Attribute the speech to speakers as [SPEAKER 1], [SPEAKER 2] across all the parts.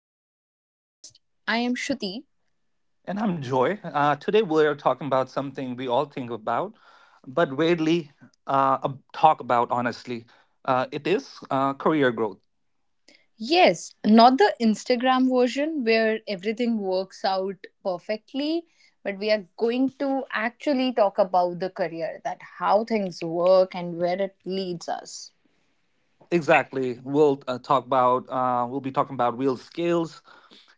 [SPEAKER 1] back to the podcast. I am Shruti.
[SPEAKER 2] And I'm Joy. Today we are talking about something we all think about, but rarely talk about honestly. It is career growth.
[SPEAKER 1] Yes, not the Instagram version where everything works out perfectly, but we are going to actually talk about the career that how things work and where it leads us.
[SPEAKER 2] Exactly. We'll be talking about real skills,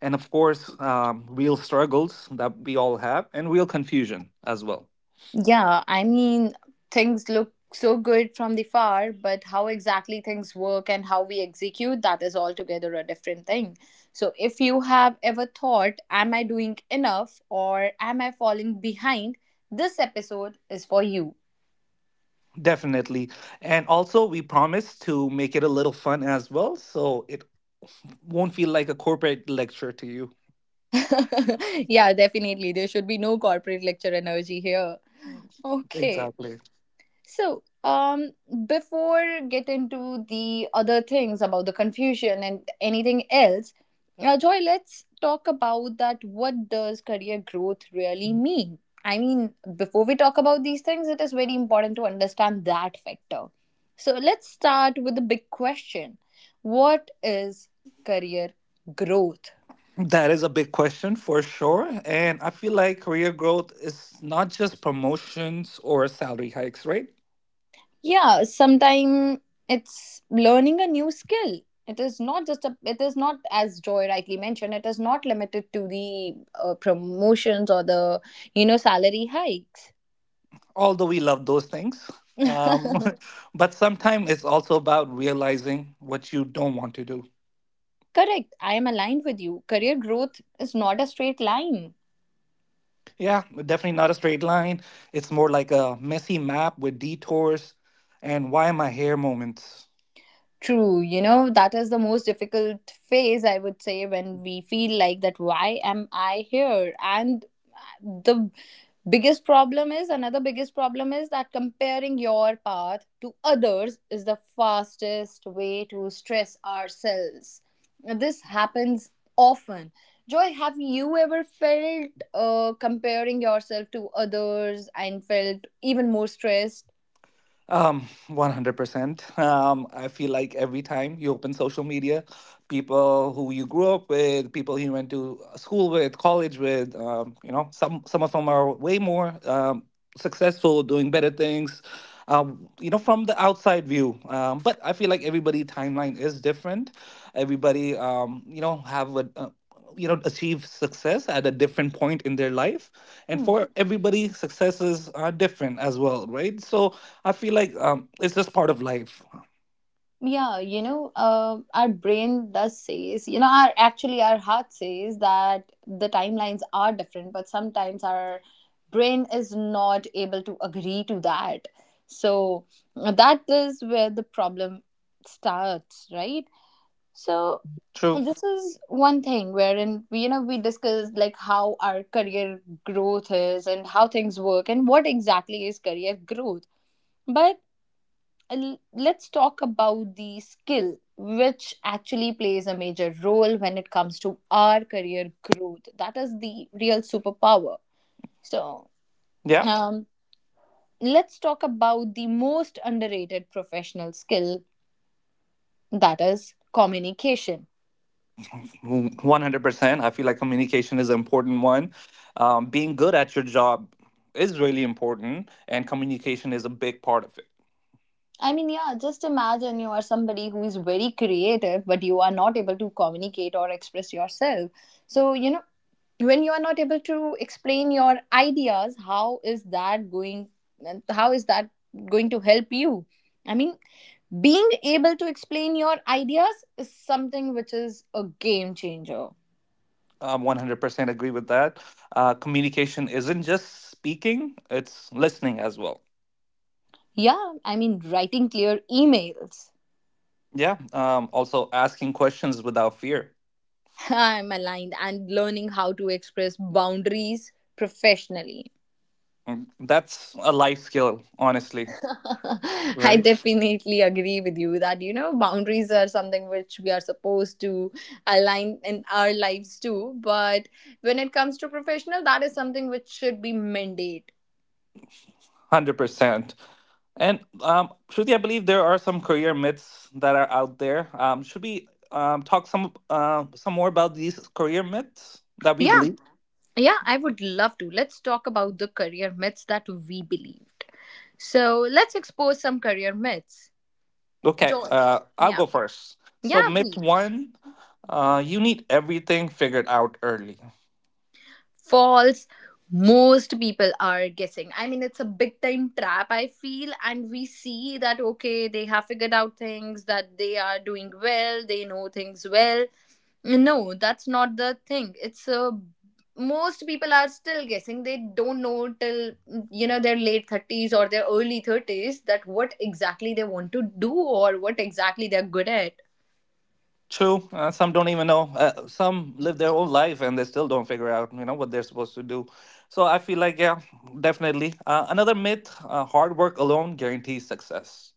[SPEAKER 2] and of course, real struggles that we all have, and real confusion as well.
[SPEAKER 1] Yeah, I mean, things look so good from the far, but how exactly things work and how we execute that is altogether a different thing. So, if you have ever thought, am I doing enough or am I falling behind? This episode is for you.
[SPEAKER 2] Definitely. And also, we promise to make it a little fun as well, so it won't feel like a corporate lecture to you.
[SPEAKER 1] Yeah, definitely. There should be no corporate lecture energy here. Okay.
[SPEAKER 2] Exactly.
[SPEAKER 1] So, before get into the other things about the confusion and anything else, Joy, let's talk about that. What does career growth really mean? I mean, before we talk about these things, it is very important to understand that factor. So, let's start with the big question: what is career growth?
[SPEAKER 2] That is a big question for sure. And I feel like career growth is not just promotions or salary hikes, right?
[SPEAKER 1] Yeah, sometimes it's learning a new skill. It is not just a it is not, as Joy rightly mentioned, it is not limited to the promotions or the, you know, salary hikes.
[SPEAKER 2] Although we love those things. Um, but sometimes it's also about realizing what you don't want to do.
[SPEAKER 1] Correct, I am aligned with you. Career growth is not a straight line.
[SPEAKER 2] Yeah, definitely not a straight line. It's more like a messy map with detours and why am I here moments.
[SPEAKER 1] True, you know, that is the most difficult phase, I would say, when we feel like that, why am I here? And the biggest problem is, another biggest problem is, that comparing your path to others is the fastest way to stress ourselves. Now, this happens often. Joy, have you ever felt, comparing yourself to others and felt even more stressed?
[SPEAKER 2] 100%. I feel like every time you open social media, people who you grew up with, people you went to school with, college with, some of them are way more successful, doing better things, from the outside view. But I feel like everybody timeline is different. Everybody, have a achieve success at a different point in their life, and
[SPEAKER 1] Hmm.
[SPEAKER 2] for everybody successes are different as well, right? I feel like it's just part of life.
[SPEAKER 1] Yeah, you know, our brain does says, you know, our, actually our heart says that the timelines are different, but sometimes our brain is not able to agree to that. So, that is where the problem starts, right? So
[SPEAKER 2] True.
[SPEAKER 1] this is one thing wherein we, you know, we discussed like how our career growth is and how things work and what exactly is career growth, but let's talk about the skill which actually plays a major role when it comes to our career growth, that is the real superpower. So,
[SPEAKER 2] Yeah.
[SPEAKER 1] um, let's talk about the most underrated professional skill, that is communication.
[SPEAKER 2] 100%. I feel like communication is an important one. Being good at your job is really important, and communication is a big part of it.
[SPEAKER 1] I mean, yeah, just imagine you are somebody who is very creative but you are not able to communicate or express yourself. So, you know, when you are not able to explain your ideas, how is that going to help you? I mean, being able to explain your ideas is something which is a game changer.
[SPEAKER 2] 100% agree with that. Communication isn't just speaking; it's listening as well.
[SPEAKER 1] Yeah, I mean, writing clear emails.
[SPEAKER 2] Yeah. Also, asking questions without fear.
[SPEAKER 1] I'm aligned, and learning how to express boundaries professionally.
[SPEAKER 2] Mm, that's a life skill, honestly.
[SPEAKER 1] I definitely agree with you that, you know, boundaries are something which we are supposed to align in our lives too. But when it comes to professional, that is something which should be mandate.
[SPEAKER 2] 100%. And Shruti, I believe there are some career myths that are out there. Should we talk some more about these career myths that we
[SPEAKER 1] Yeah,
[SPEAKER 2] believe?
[SPEAKER 1] yeah, I would love to. Let's talk about the career myths that we believed. So let's expose some career myths.
[SPEAKER 2] Okay,
[SPEAKER 1] Joy.
[SPEAKER 2] I'll
[SPEAKER 1] Yeah.
[SPEAKER 2] go first. So,
[SPEAKER 1] Yeah,
[SPEAKER 2] myth
[SPEAKER 1] please.
[SPEAKER 2] one: you need everything figured out early.
[SPEAKER 1] False. Most people are guessing. I mean, it's a big time trap, I feel. And we see that, okay, they have figured out things, that they are doing well, they know things well. No, that's not the thing. It's a Most people are still guessing, they don't know till, you know, their late 30s or their early 30s that what exactly they want to do or what exactly they're good at.
[SPEAKER 2] True, some don't even know. Some live their own life and they still don't figure out, you know, what they're supposed to do. So I feel like, yeah, definitely. Another myth: hard work alone guarantees success.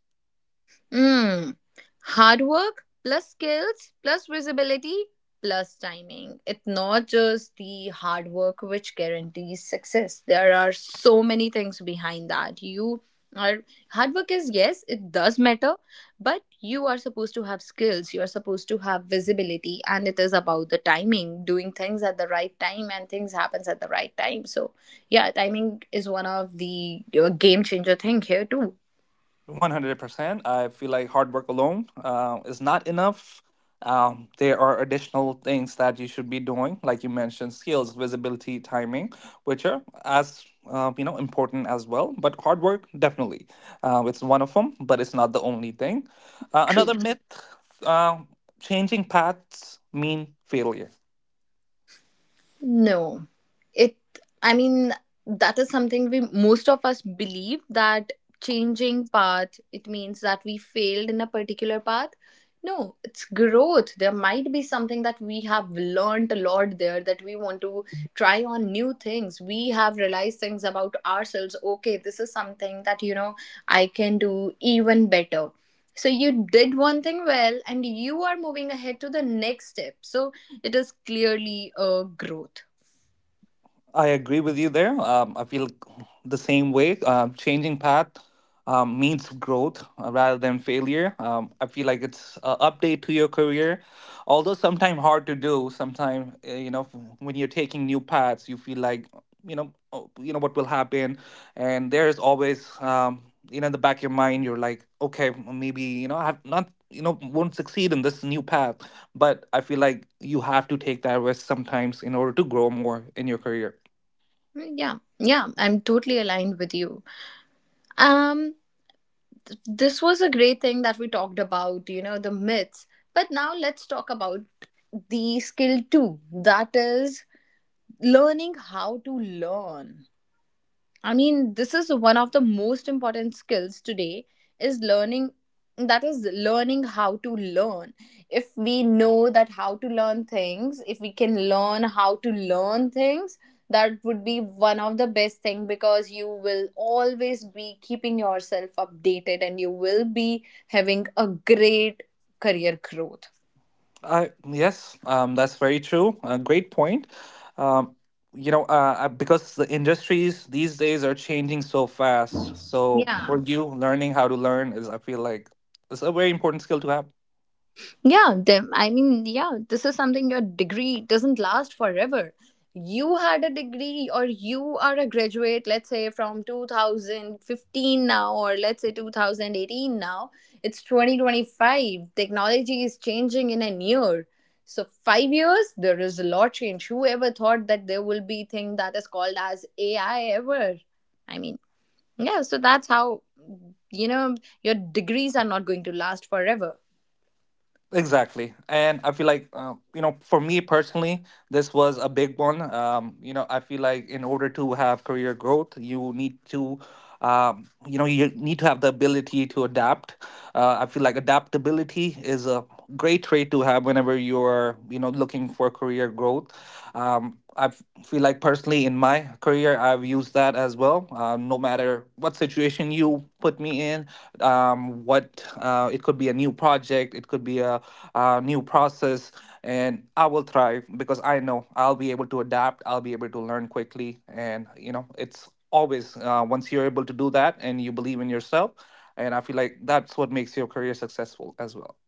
[SPEAKER 1] Mm. Hard work plus skills plus visibility plus timing. It's not just the hard work which guarantees success. There are so many things behind that. You are Hard work is, yes, it does matter, but you are supposed to have skills, you are supposed to have visibility, and it is about the timing, doing things at the right time and things happens at the right time. So yeah, timing is one of the game changer thing here too.
[SPEAKER 2] 100%. I feel like hard work alone is not enough. There are additional things that you should be doing, like you mentioned, skills, visibility, timing, which are as important as well. But hard work definitely, it's one of them, but it's not the only thing. Another
[SPEAKER 1] True.
[SPEAKER 2] myth: uh, changing paths mean failure.
[SPEAKER 1] No, it, I mean, that is something we most of us believe, that changing path it means that we failed in a particular path. No, it's growth. There might be something that we have learned a lot there, that we want to try on new things. We have realized things about ourselves. Okay, this is something that, you know, I can do even better. So you did one thing well and you are moving ahead to the next step. So it is clearly a growth.
[SPEAKER 2] I agree with you there. I feel the same way. Changing path means growth rather than failure. I feel like it's an update to your career, although sometimes hard to do. Sometimes you know when you're taking new paths, you feel like you know, oh, you know what will happen, and there's always you know, in the back of your mind you're like, okay, maybe you know I have not, you know, won't succeed in this new path, but I feel like you have to take that risk sometimes in order to grow more in your career.
[SPEAKER 1] Yeah, yeah, I'm totally aligned with you. Um, this was a great thing that we talked about, you know, the myths. But now let's talk about the skill too. That is learning how to learn. I mean, this is one of the most important skills today is learning that is learning how to learn. If we know that how to learn things, if we can learn how to learn things, that would be one of the best thing because you will always be keeping yourself updated and you will be having a great career growth.
[SPEAKER 2] I Yes, that's very true. Great point. Um, because the industries these days are changing so fast. So
[SPEAKER 1] Yeah,
[SPEAKER 2] for you, learning how to learn is, I feel like, it's a very important skill to have.
[SPEAKER 1] Yeah, them. I mean, yeah, this is something, your degree doesn't last forever. You had a degree, or you are a graduate, let's say from 2015 now, or let's say 2018 now. It's 2025. Technology is changing in a year. So, 5 years, there is a lot change. Whoever thought that there will be thing that is called as AI ever? I mean, yeah, so that's how, you know, your degrees are not going to last forever.
[SPEAKER 2] Exactly. And I feel like, you know, for me personally, this was a big one. You know, I feel like in order to have career growth, you need to, you know, you need to have the ability to adapt. I feel like adaptability is a great trait to have whenever you're, you know, looking for career growth. Feel like personally in my career, I've used that as well. No matter what situation you put me in, what it could be a new project, it could be a new process, and I will thrive because I know I'll be able to adapt, I'll be able to learn quickly, and you know it's always, once you're able to do that and you believe in yourself, and I feel like that's what makes your career successful as well.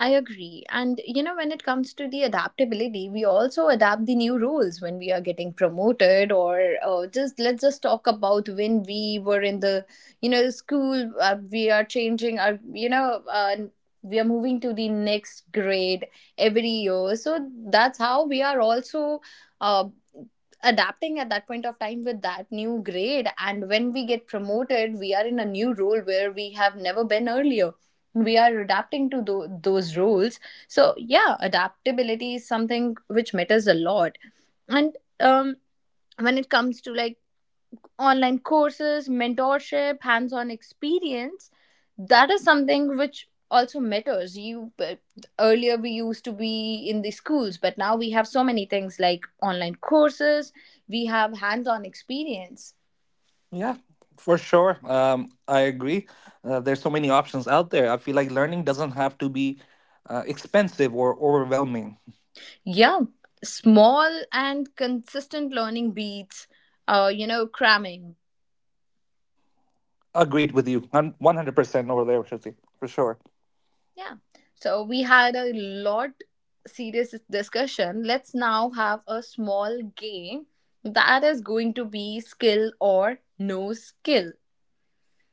[SPEAKER 1] I agree. And you know, when it comes to the adaptability, we also adapt the new rules when we are getting promoted, or just let's just talk about when we were in the, you know, school. We are changing our, you know, we are moving to the next grade every year. So that's how we are also uh, adapting at that point of time with that new grade. And when we get promoted, we are in a new role where we have never been earlier, we are adapting to those roles. So yeah, adaptability is something which matters a lot. And when it comes to like online courses, mentorship, hands-on experience, that is something which also matters. You Earlier we used to be in the schools, but now we have so many things like online courses, we have hands-on experience.
[SPEAKER 2] Yeah, for sure. I agree. There's so many options out there. I feel like learning doesn't have to be expensive or overwhelming.
[SPEAKER 1] Yeah, small and consistent learning beats, you know, cramming.
[SPEAKER 2] Agreed with you. I'm 100% over there, Shruti, for sure.
[SPEAKER 1] Yeah. So we had a lot serious discussion. Let's now have a small game, that is going to be skill or no skill.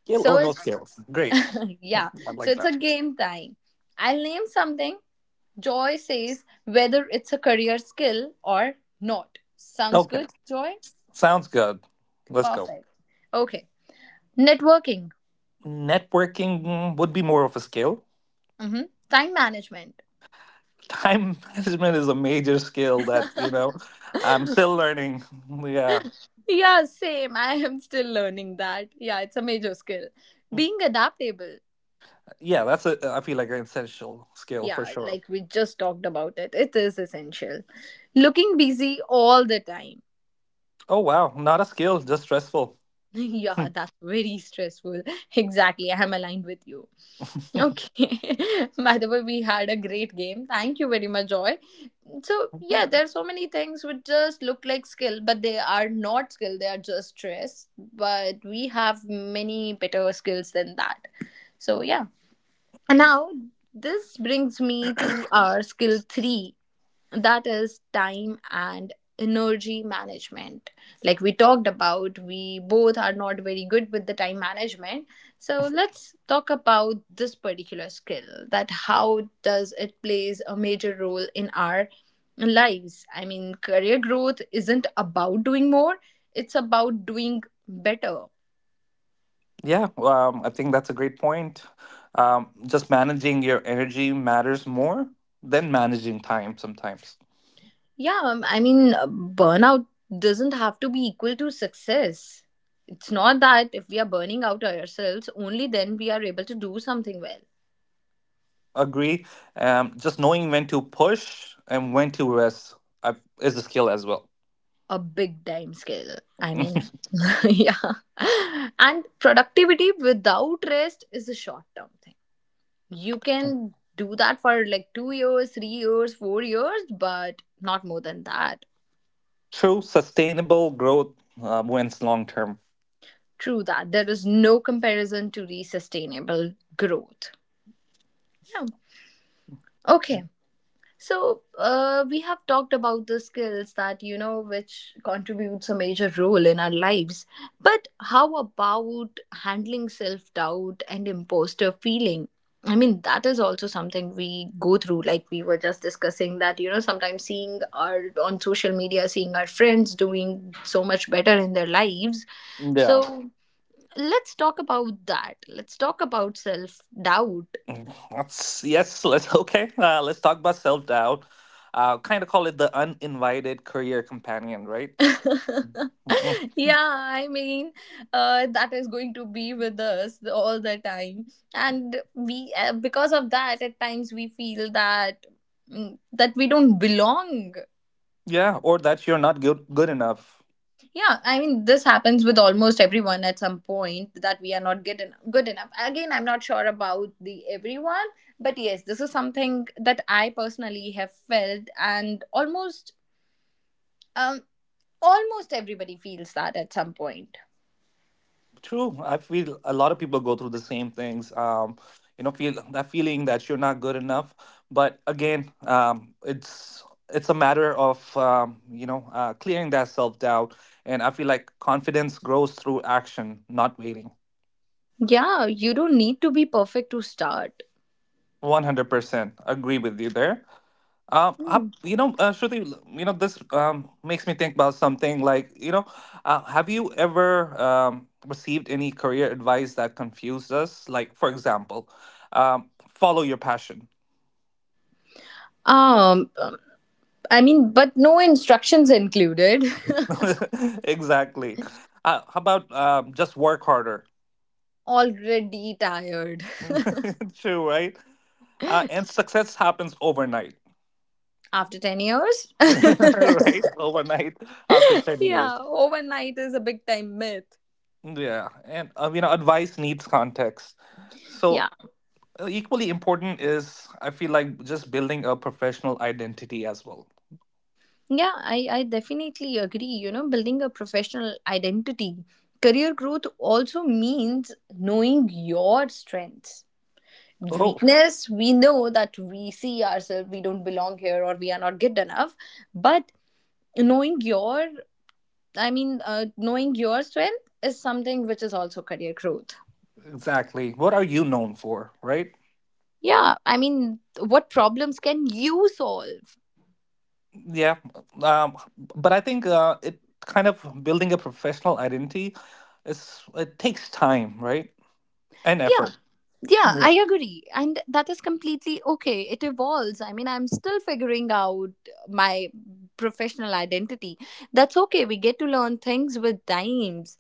[SPEAKER 2] Skill
[SPEAKER 1] So
[SPEAKER 2] or no
[SPEAKER 1] it's
[SPEAKER 2] skill? Great,
[SPEAKER 1] yeah.
[SPEAKER 2] I
[SPEAKER 1] So
[SPEAKER 2] like
[SPEAKER 1] it's
[SPEAKER 2] that.
[SPEAKER 1] a game time. I'll name something. Joy says whether it's a career skill or not. Sounds
[SPEAKER 2] Okay.
[SPEAKER 1] good, Joy?
[SPEAKER 2] Sounds good. Let's go.
[SPEAKER 1] Perfect. Okay. Networking.
[SPEAKER 2] Networking would be more of a skill.
[SPEAKER 1] Hmm. Time management.
[SPEAKER 2] Time management is a major skill that, you know, I'm still learning. Yeah.
[SPEAKER 1] Yeah, same. I am still learning that. Yeah, it's a major skill. Being adaptable.
[SPEAKER 2] Yeah, that's a I feel like an essential skill for
[SPEAKER 1] Yeah,
[SPEAKER 2] sure.
[SPEAKER 1] like we just talked about it. It is essential. Looking busy all the time.
[SPEAKER 2] Oh wow, not a skill, just stressful.
[SPEAKER 1] Yeah, that's very stressful. Exactly. I am aligned with you. Okay. By the way, we had a great game. Thank you very much, Joy. So, yeah, there are so many things which just look like skill, but they are not skill. They are just stress. But we have many better skills than that. So, yeah. And now, this brings me to our skill three, that is time and energy management. Like we talked about, we both are not very good with the time management. So, let's talk about this particular skill that how does it plays a major role in our lives. I mean, career growth isn't about doing more, it's about doing better.
[SPEAKER 2] Yeah, I think that's a great point. Just managing your energy matters more than managing time sometimes.
[SPEAKER 1] Yeah, I mean, burnout doesn't have to be equal to success. It's not that if we are burning out ourselves, only then we are able to do something well.
[SPEAKER 2] Agree. Just knowing when to push and when to rest I, is a skill as well.
[SPEAKER 1] A big time scale. I mean, yeah. And productivity without rest is a short term thing. You can do that for like 2 years, 3 years, 4 years, but not more than that.
[SPEAKER 2] True, sustainable growth wins long term.
[SPEAKER 1] True that. There is no comparison to the sustainable growth. Yeah. Okay. So, we have talked about the skills that, you know, which contributes a major role in our lives. But how about handling self doubt and imposter feeling? I mean, that is also something we go through. Like we were just discussing that, you know, sometimes seeing our on social media, seeing our friends doing so much better in their lives.
[SPEAKER 2] Yeah.
[SPEAKER 1] So, let's talk about that. Let's talk about self doubt.
[SPEAKER 2] Mm, Let's yes, let's okay. Let's talk about self doubt. Kind of call it the uninvited career companion, right? Mhm.
[SPEAKER 1] Yeah, I mean, that is going to be with us all the time, and we because of that, at times we feel that, mm, that we don't belong.
[SPEAKER 2] Yeah, or that you're not good enough.
[SPEAKER 1] Yeah, I mean, this happens with almost everyone at some point, that we are not good enough. Good enough. Again, I'm not sure about the everyone, but yes, this is something that I personally have felt, and um almost everybody feels that at some point.
[SPEAKER 2] True. I feel a lot of people go through the same things. You know, feel that feeling that you're not good enough. But again, it's a matter of you know, clearing that self doubt. And I feel like confidence grows through action, not waiting.
[SPEAKER 1] Yeah, you don't need to be perfect to start.
[SPEAKER 2] 100% agree with you there.
[SPEAKER 1] Um,
[SPEAKER 2] Shruti, you know, this makes me think about something like, you know, have you ever received any career advice that confused us? Like, for example, follow your passion.
[SPEAKER 1] um, I mean, but no instructions included.
[SPEAKER 2] Exactly. How about just work harder?
[SPEAKER 1] Already tired
[SPEAKER 2] True, right? And success happens overnight,
[SPEAKER 1] after 10 years.
[SPEAKER 2] right? Overnight after 10
[SPEAKER 1] Yeah,
[SPEAKER 2] years.
[SPEAKER 1] overnight is a big time myth.
[SPEAKER 2] Yeah. And, you know, advice needs context.
[SPEAKER 1] Yeah,
[SPEAKER 2] So Equally important is, I feel like, just building a professional identity as well.
[SPEAKER 1] yeah, I definitely agree. You know, building a professional identity, career growth also means knowing your strengths.
[SPEAKER 2] Oh,
[SPEAKER 1] Weakness, we know that we see ourselves, we don't belong here or we are not good enough. But knowing your knowing your strength is something which is also career growth.
[SPEAKER 2] exactly. What are you known for, right?
[SPEAKER 1] Yeah, I mean, what problems can you solve?
[SPEAKER 2] Yeah. Um, but i think uh, it kind of building a professional identity is, it takes time, right? And
[SPEAKER 1] Yeah,
[SPEAKER 2] effort.
[SPEAKER 1] yeah,
[SPEAKER 2] Yeah.
[SPEAKER 1] I agree, and that is completely okay. It evolves. I mean, I'm still figuring out my professional identity. That's okay, we get to learn things with times.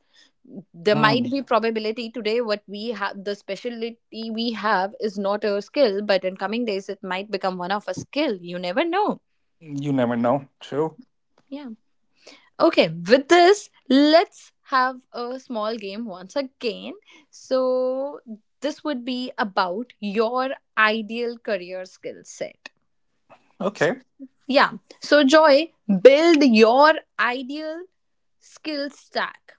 [SPEAKER 1] There might
[SPEAKER 2] Hmm.
[SPEAKER 1] be probability today what we have the specialty we have is not a skill, but in coming days it might become one of a skill. You never know.
[SPEAKER 2] You never know, true.
[SPEAKER 1] Yeah. Okay, with this, let's have a small game once again. So, this would be about your ideal career skill set.
[SPEAKER 2] Okay.
[SPEAKER 1] Yeah. So, Joy, build your ideal skill stack.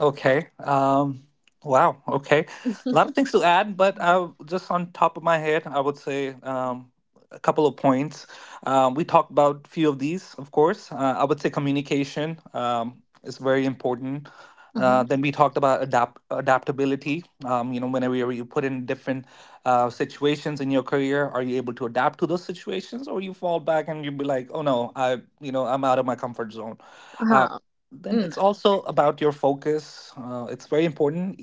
[SPEAKER 2] Okay. Wow. Okay. A lot of things to add, but I, just on top of my head, I would say a couple of points. We talked about a few of these, of course. I would say communication is very important.
[SPEAKER 1] Mm-hmm.
[SPEAKER 2] Then we talked about adaptability. You know, whenever you put in different situations in your career, are you able to adapt to those situations, or you fall back and you be like, "Oh no, I, you know, I'm out of my comfort zone." Uh,
[SPEAKER 1] Uh-huh.
[SPEAKER 2] then
[SPEAKER 1] Mm.
[SPEAKER 2] it's also about your focus. It's very important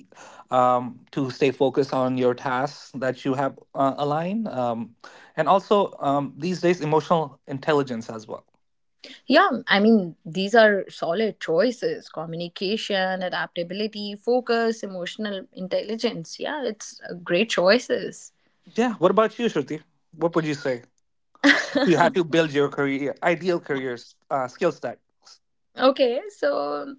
[SPEAKER 2] to stay focused on your tasks that you have aligned. And also, these days, emotional intelligence as well.
[SPEAKER 1] Yeah, I mean, these are solid choices: communication, adaptability, focus, emotional intelligence. Yeah, it's great choices.
[SPEAKER 2] Yeah. What about you, Shruti? What would you say? You had to build your career, ideal career skill stack.
[SPEAKER 1] Okay, so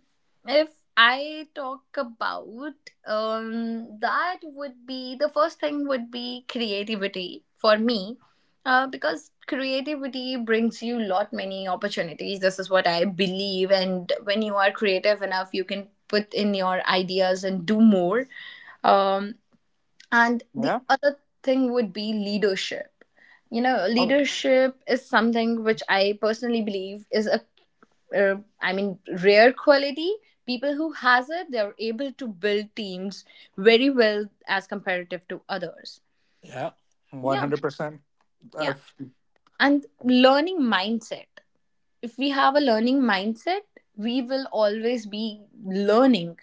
[SPEAKER 1] if I talk about that, would be the first thing would be creativity for me, because creativity brings you lot many opportunities. This is what I believe, and when you are creative enough, you can put in your ideas and do more. Um, and the
[SPEAKER 2] Yeah.
[SPEAKER 1] other thing would be leadership. You know,
[SPEAKER 2] Oh,
[SPEAKER 1] leadership is something which I personally believe is a I mean, rare quality. People who has it, they're able to build teams very well as comparative to others.
[SPEAKER 2] yeah.
[SPEAKER 1] Yeah,
[SPEAKER 2] 100%.
[SPEAKER 1] yeah.
[SPEAKER 2] I've,
[SPEAKER 1] And learning mindset. If we have a learning mindset, we will always be learning,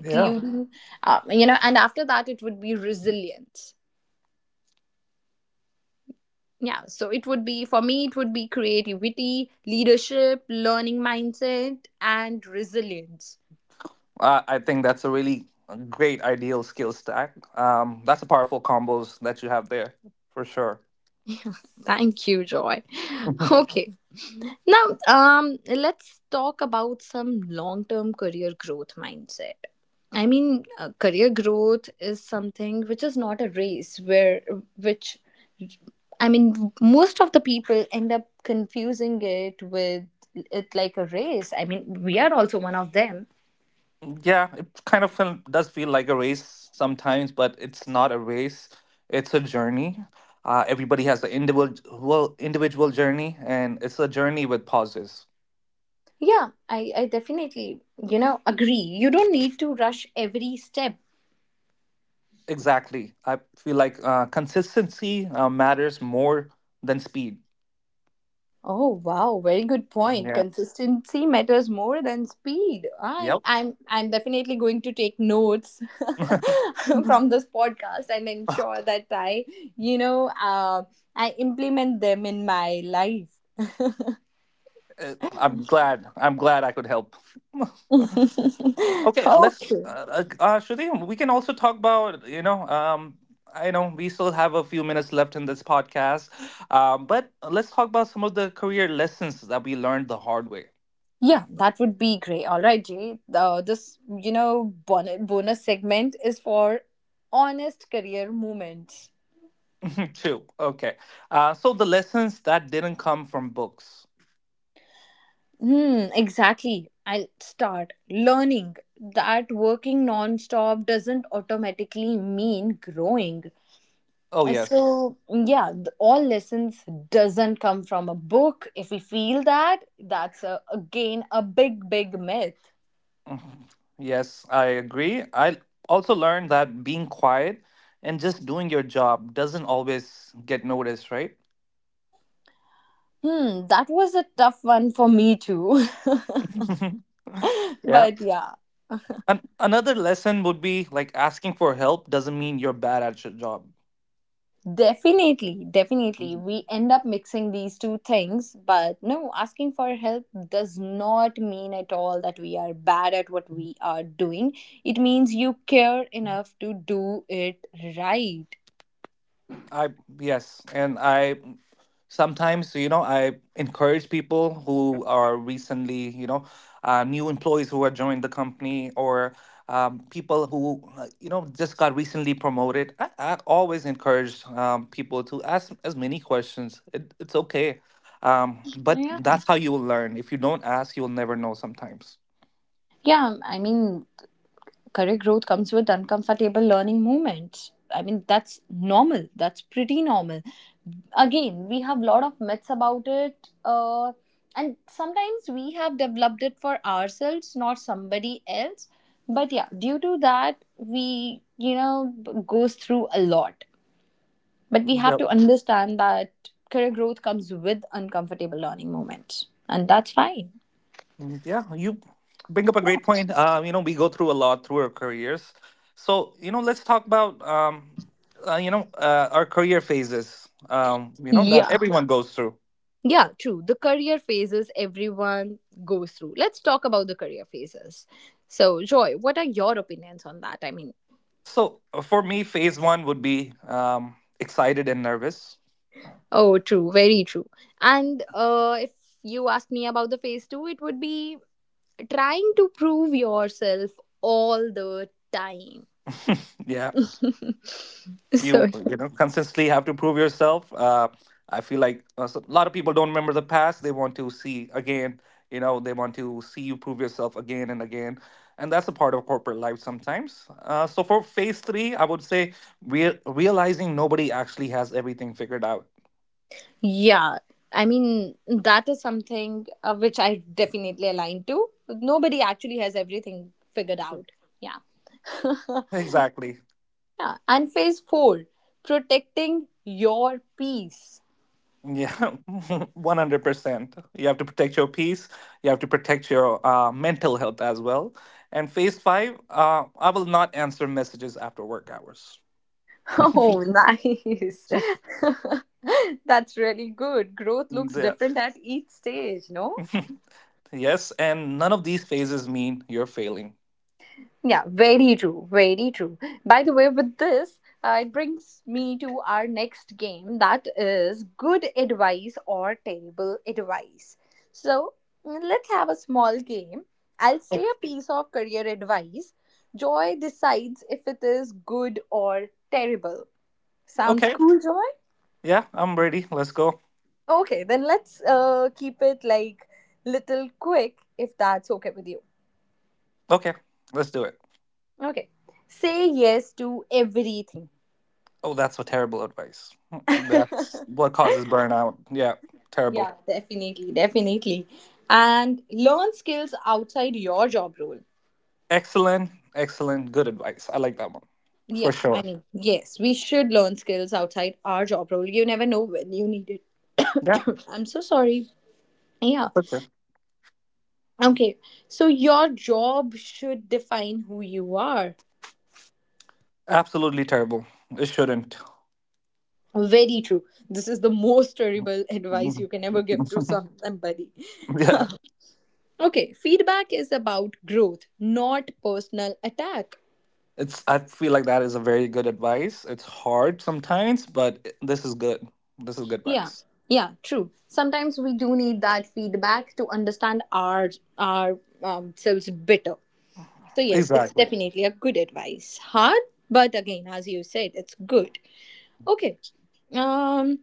[SPEAKER 2] yeah.
[SPEAKER 1] you know, and after that, it would be resilience. Yeah, so it would be, for me, it would be creativity, leadership, learning mindset, and resilience.
[SPEAKER 2] I think that's a really great ideal skill stack. That's a powerful combos that you have there for sure.
[SPEAKER 1] Thank you, Joy. Okay. Now, let's talk about some long term career growth mindset. I mean, career growth is something which is not a race, where, which, I mean, most of the people end up confusing it with it like a race. I mean, we are also one of them.
[SPEAKER 2] Yeah, it does feel like a race sometimes, but it's not a race. It's a journey. Everybody has an individual well, individual journey, and it's a journey with pauses.
[SPEAKER 1] Yeah, I definitely, you know, agree. You don't need to rush every step.
[SPEAKER 2] Exactly. I feel like consistency matters more than speed.
[SPEAKER 1] Oh wow, very good point.
[SPEAKER 2] Yeah.
[SPEAKER 1] Consistency matters more than speed. I'm
[SPEAKER 2] Yep.
[SPEAKER 1] I'm I'm definitely going to take notes from this podcast and ensure that I, you know, I implement them in my life.
[SPEAKER 2] I'm glad. I'm glad I could help. Okay, let's
[SPEAKER 1] Okay.
[SPEAKER 2] Shruti, we can also talk about, you know, I know we still have a few minutes left in this podcast, but let's talk about some of the career lessons that we learned the hard way,
[SPEAKER 1] Yeah, that would be great. All right, Jay. This, you know, bonus segment is for honest career moments.
[SPEAKER 2] too. Okay. So the lessons that didn't come from books.
[SPEAKER 1] Hmm, exactly. I'll start learning that working non-stop doesn't automatically mean growing.
[SPEAKER 2] Oh, yes.
[SPEAKER 1] So, yeah, all lessons doesn't come from a book. If we feel that, that's a, again a big myth.
[SPEAKER 2] Mhm. Yes, I agree. I also learned that being quiet and just doing your job doesn't always get noticed, right?
[SPEAKER 1] Hmm, that was a tough one for me too.
[SPEAKER 2] yeah.
[SPEAKER 1] but yeah,
[SPEAKER 2] Another lesson would be like asking for help doesn't mean you're bad at your job.
[SPEAKER 1] definitely, definitely. We end up mixing these two things, but no, asking for help does not mean at all that we are bad at what we are doing. It means you care enough to do it right.
[SPEAKER 2] I Yes, and I sometimes you know I encourage people who are recently, you know, new employees who have joined the company, or people who you know just got recently promoted. I always encourage people to ask as many questions. It's okay, but
[SPEAKER 1] Yeah.
[SPEAKER 2] that's how you will learn. If you don't ask, you will never know. Sometimes.
[SPEAKER 1] Yeah, I mean, career growth comes with uncomfortable learning moments. I mean, that's normal. That's pretty normal. Again, we have a lot of myths about it. And sometimes we have developed it for ourselves, not somebody else. But yeah, due to that, we, you know, goes through a lot. But we have
[SPEAKER 2] Yep.
[SPEAKER 1] to understand that career growth comes with uncomfortable learning moments. And that's fine.
[SPEAKER 2] Mm, yeah, you bring up a great point. You know, we go through a lot through our careers. So, you know, let's talk about you know, our career phases. You know, that
[SPEAKER 1] Yeah,
[SPEAKER 2] everyone goes through.
[SPEAKER 1] yeah, true. The career phases everyone goes through. Let's talk about the career phases. So, Joy, what are your opinions on that? I mean,
[SPEAKER 2] So, for me, phase one would be excited and nervous.
[SPEAKER 1] oh, true, very true. And if you ask me about the phase two, it would be trying to prove yourself all the time.
[SPEAKER 2] Yeah,
[SPEAKER 1] so,
[SPEAKER 2] you know consistently have to prove yourself. I feel like so- A lot of people don't remember the past, they want to see again, you know, they want to see you prove yourself again and again, and that's a part of corporate life sometimes. So for phase three I would say we're realizing nobody actually has everything figured out
[SPEAKER 1] yeah, I mean, that is something which I definitely align to. Nobody actually has everything figured out. Yeah.
[SPEAKER 2] exactly.
[SPEAKER 1] Yeah. And phase four, protecting your peace.
[SPEAKER 2] Yeah. 100% you have to protect your peace, you have to protect your mental health as well. And phase five, I will not answer messages after work hours.
[SPEAKER 1] Oh, nice. That's really good. Growth looks
[SPEAKER 2] Yeah.
[SPEAKER 1] different at each stage, no?
[SPEAKER 2] Yes, and none of these phases mean you're failing.
[SPEAKER 1] Yeah, very true. Very true. By the way, with this, it brings me to our next game, that is good advice or terrible advice. So, mm, let's have a small game. I'll say
[SPEAKER 2] Ok-
[SPEAKER 1] a piece of career advice. Joy decides if it is good or terrible. Sounds
[SPEAKER 2] Okay.
[SPEAKER 1] cool, Joy?
[SPEAKER 2] Yeah, I'm ready. Let's go.
[SPEAKER 1] Okay, then let's keep it like little quick, if that's okay with you.
[SPEAKER 2] Okay, let's do it.
[SPEAKER 1] Okay. Say yes to everything.
[SPEAKER 2] Oh, that's a terrible advice. Hmm. That's what causes burnout. Yeah, terrible.
[SPEAKER 1] Yeah, definitely, definitely. And learn skills outside your job role.
[SPEAKER 2] Excellent, excellent, good advice. I like that one, for
[SPEAKER 1] Yeah, I
[SPEAKER 2] sure.
[SPEAKER 1] mean, yes, we should learn skills outside our job role. You never know when you need it.
[SPEAKER 2] Yeah,
[SPEAKER 1] I'm so sorry. Yeah.
[SPEAKER 2] for sure.
[SPEAKER 1] Okay. So your job should define who you are.
[SPEAKER 2] Absolutely terrible. It shouldn't.
[SPEAKER 1] Very true. This is the most terrible advice you can ever give to somebody.
[SPEAKER 2] Yeah.
[SPEAKER 1] Okay, feedback is about growth, not personal attack.
[SPEAKER 2] It's, I feel like that is a very good advice. It's hard sometimes, but this is good. This is good
[SPEAKER 1] Yeah,
[SPEAKER 2] advice.
[SPEAKER 1] yeah, true. Sometimes we do need that feedback to understand our selves better. So yes, it's
[SPEAKER 2] Exactly.
[SPEAKER 1] definitely a good advice. Hard, but again, as you said, it's good. Okay. Um.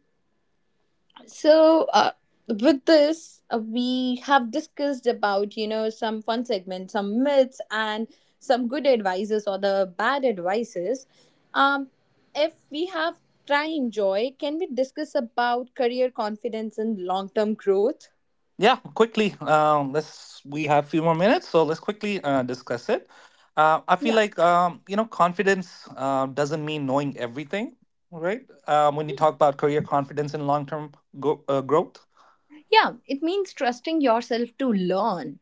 [SPEAKER 1] So, with this, we have discussed about, you know, some fun segments, some myths, and some good advices or the bad advices. Um, if we have time, Joy, can we discuss about career confidence and long term growth?
[SPEAKER 2] Yeah, quickly. Let's We have a few more minutes, so let's quickly discuss it. I feel
[SPEAKER 1] Yeah.
[SPEAKER 2] like confidence doesn't mean knowing everything, right? When you talk about career confidence and long-term growth,
[SPEAKER 1] Yeah, it means trusting yourself to learn.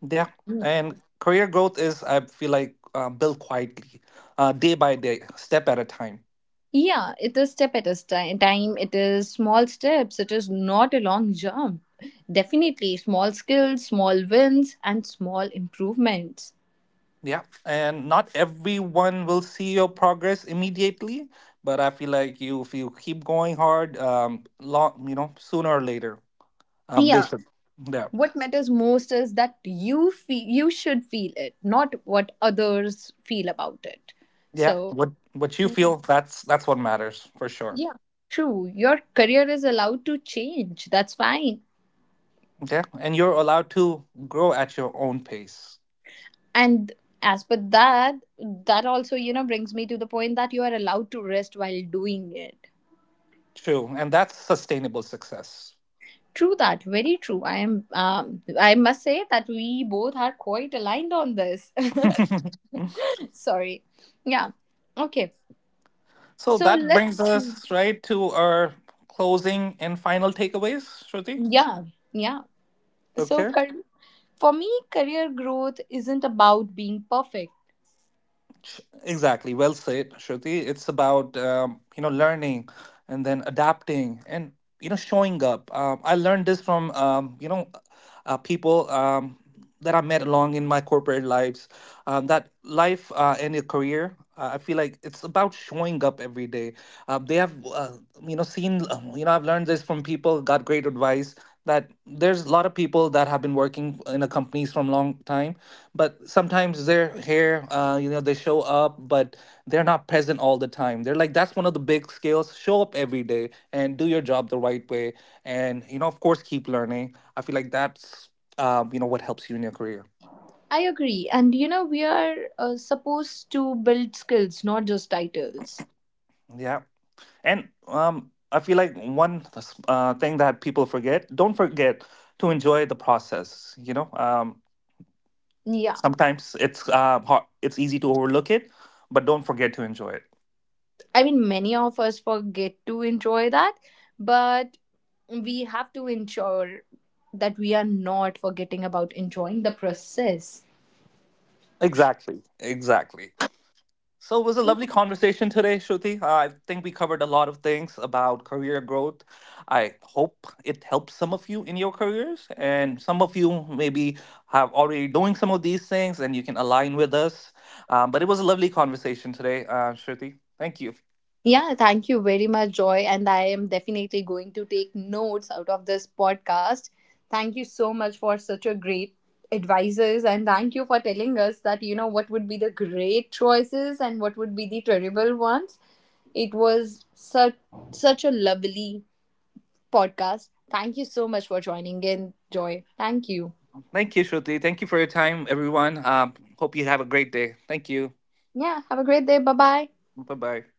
[SPEAKER 2] yeah, and career growth is, I feel like, built quietly, day by day, step at a time.
[SPEAKER 1] Yeah, it is step at a time. It is small steps. It is not a long jump. Definitely small skills, small wins, and small improvements.
[SPEAKER 2] Yeah, and not everyone will see your progress immediately, but I feel like you if you keep going hard, long, you know, sooner or later, they
[SPEAKER 1] Yeah,
[SPEAKER 2] should. Yeah,
[SPEAKER 1] what matters most is that you feel, you should feel it, not what others feel about it.
[SPEAKER 2] yeah.
[SPEAKER 1] So,
[SPEAKER 2] What you feel, that's what matters for sure.
[SPEAKER 1] yeah, true. Your career is allowed to change. That's fine.
[SPEAKER 2] Yeah, and you're allowed to grow at your own pace.
[SPEAKER 1] And as per that, that also, you know, brings me to the point that you are allowed to rest while doing it.
[SPEAKER 2] True, and that's sustainable success.
[SPEAKER 1] True that, very true. I am. I must say that we both are quite aligned on this. Sorry. Yeah. Okay.
[SPEAKER 2] So
[SPEAKER 1] So
[SPEAKER 2] that brings
[SPEAKER 1] let's.
[SPEAKER 2] us right to our closing and final takeaways, Shruti.
[SPEAKER 1] Yeah. Yeah. So
[SPEAKER 2] Okay.
[SPEAKER 1] for me, career growth isn't about being perfect.
[SPEAKER 2] Exactly. Well said, Shruti. It's about, learning and then adapting and, you know, showing up. I learned this from, people, that I met along in my corporate lives. That life and your career, I feel like it's about showing up every day. They have You know, seen, you know, I've learned this from people. Got great advice that there's a lot of people that have been working in a companies from long time, but sometimes they're here, you know, they show up, but they're not present all the time, they're like, that's one of the big skills: show up every day and do your job the right way, and, you know, of course, keep learning. I feel like that's, you know, what helps you in your career.
[SPEAKER 1] I agree, and you know we are supposed to build skills, not just titles.
[SPEAKER 2] Yeah, and I feel like one thing that people forget don't forget to enjoy the process, you know. Um,
[SPEAKER 1] Yeah.
[SPEAKER 2] sometimes it's hard, it's easy to overlook it, but don't forget to enjoy it.
[SPEAKER 1] I mean, many of us forget to enjoy that, but we have to ensure that we are not forgetting about enjoying the process.
[SPEAKER 2] Exactly, exactly. So it was a lovely conversation today, Shruti. I think we covered a lot of things about career growth. I hope it helps some of you in your careers, and some of you maybe have already doing some of these things, and you can align with us. But it was a lovely conversation today, Shruti.
[SPEAKER 1] Yeah, thank you very much, Joy. And I am definitely going to take notes out of this podcast. Thank you so much for such a great advices, and thank you for telling us that you know what would be the great choices and what would be the terrible ones. It was such such a lovely podcast. Thank you so much for joining in, Joy. Thank you.
[SPEAKER 2] Thank you, Shruti. Thank you for your time, everyone. Hope you have a great day. Thank you.
[SPEAKER 1] Yeah, have a great day. Bye bye.
[SPEAKER 2] Bye bye.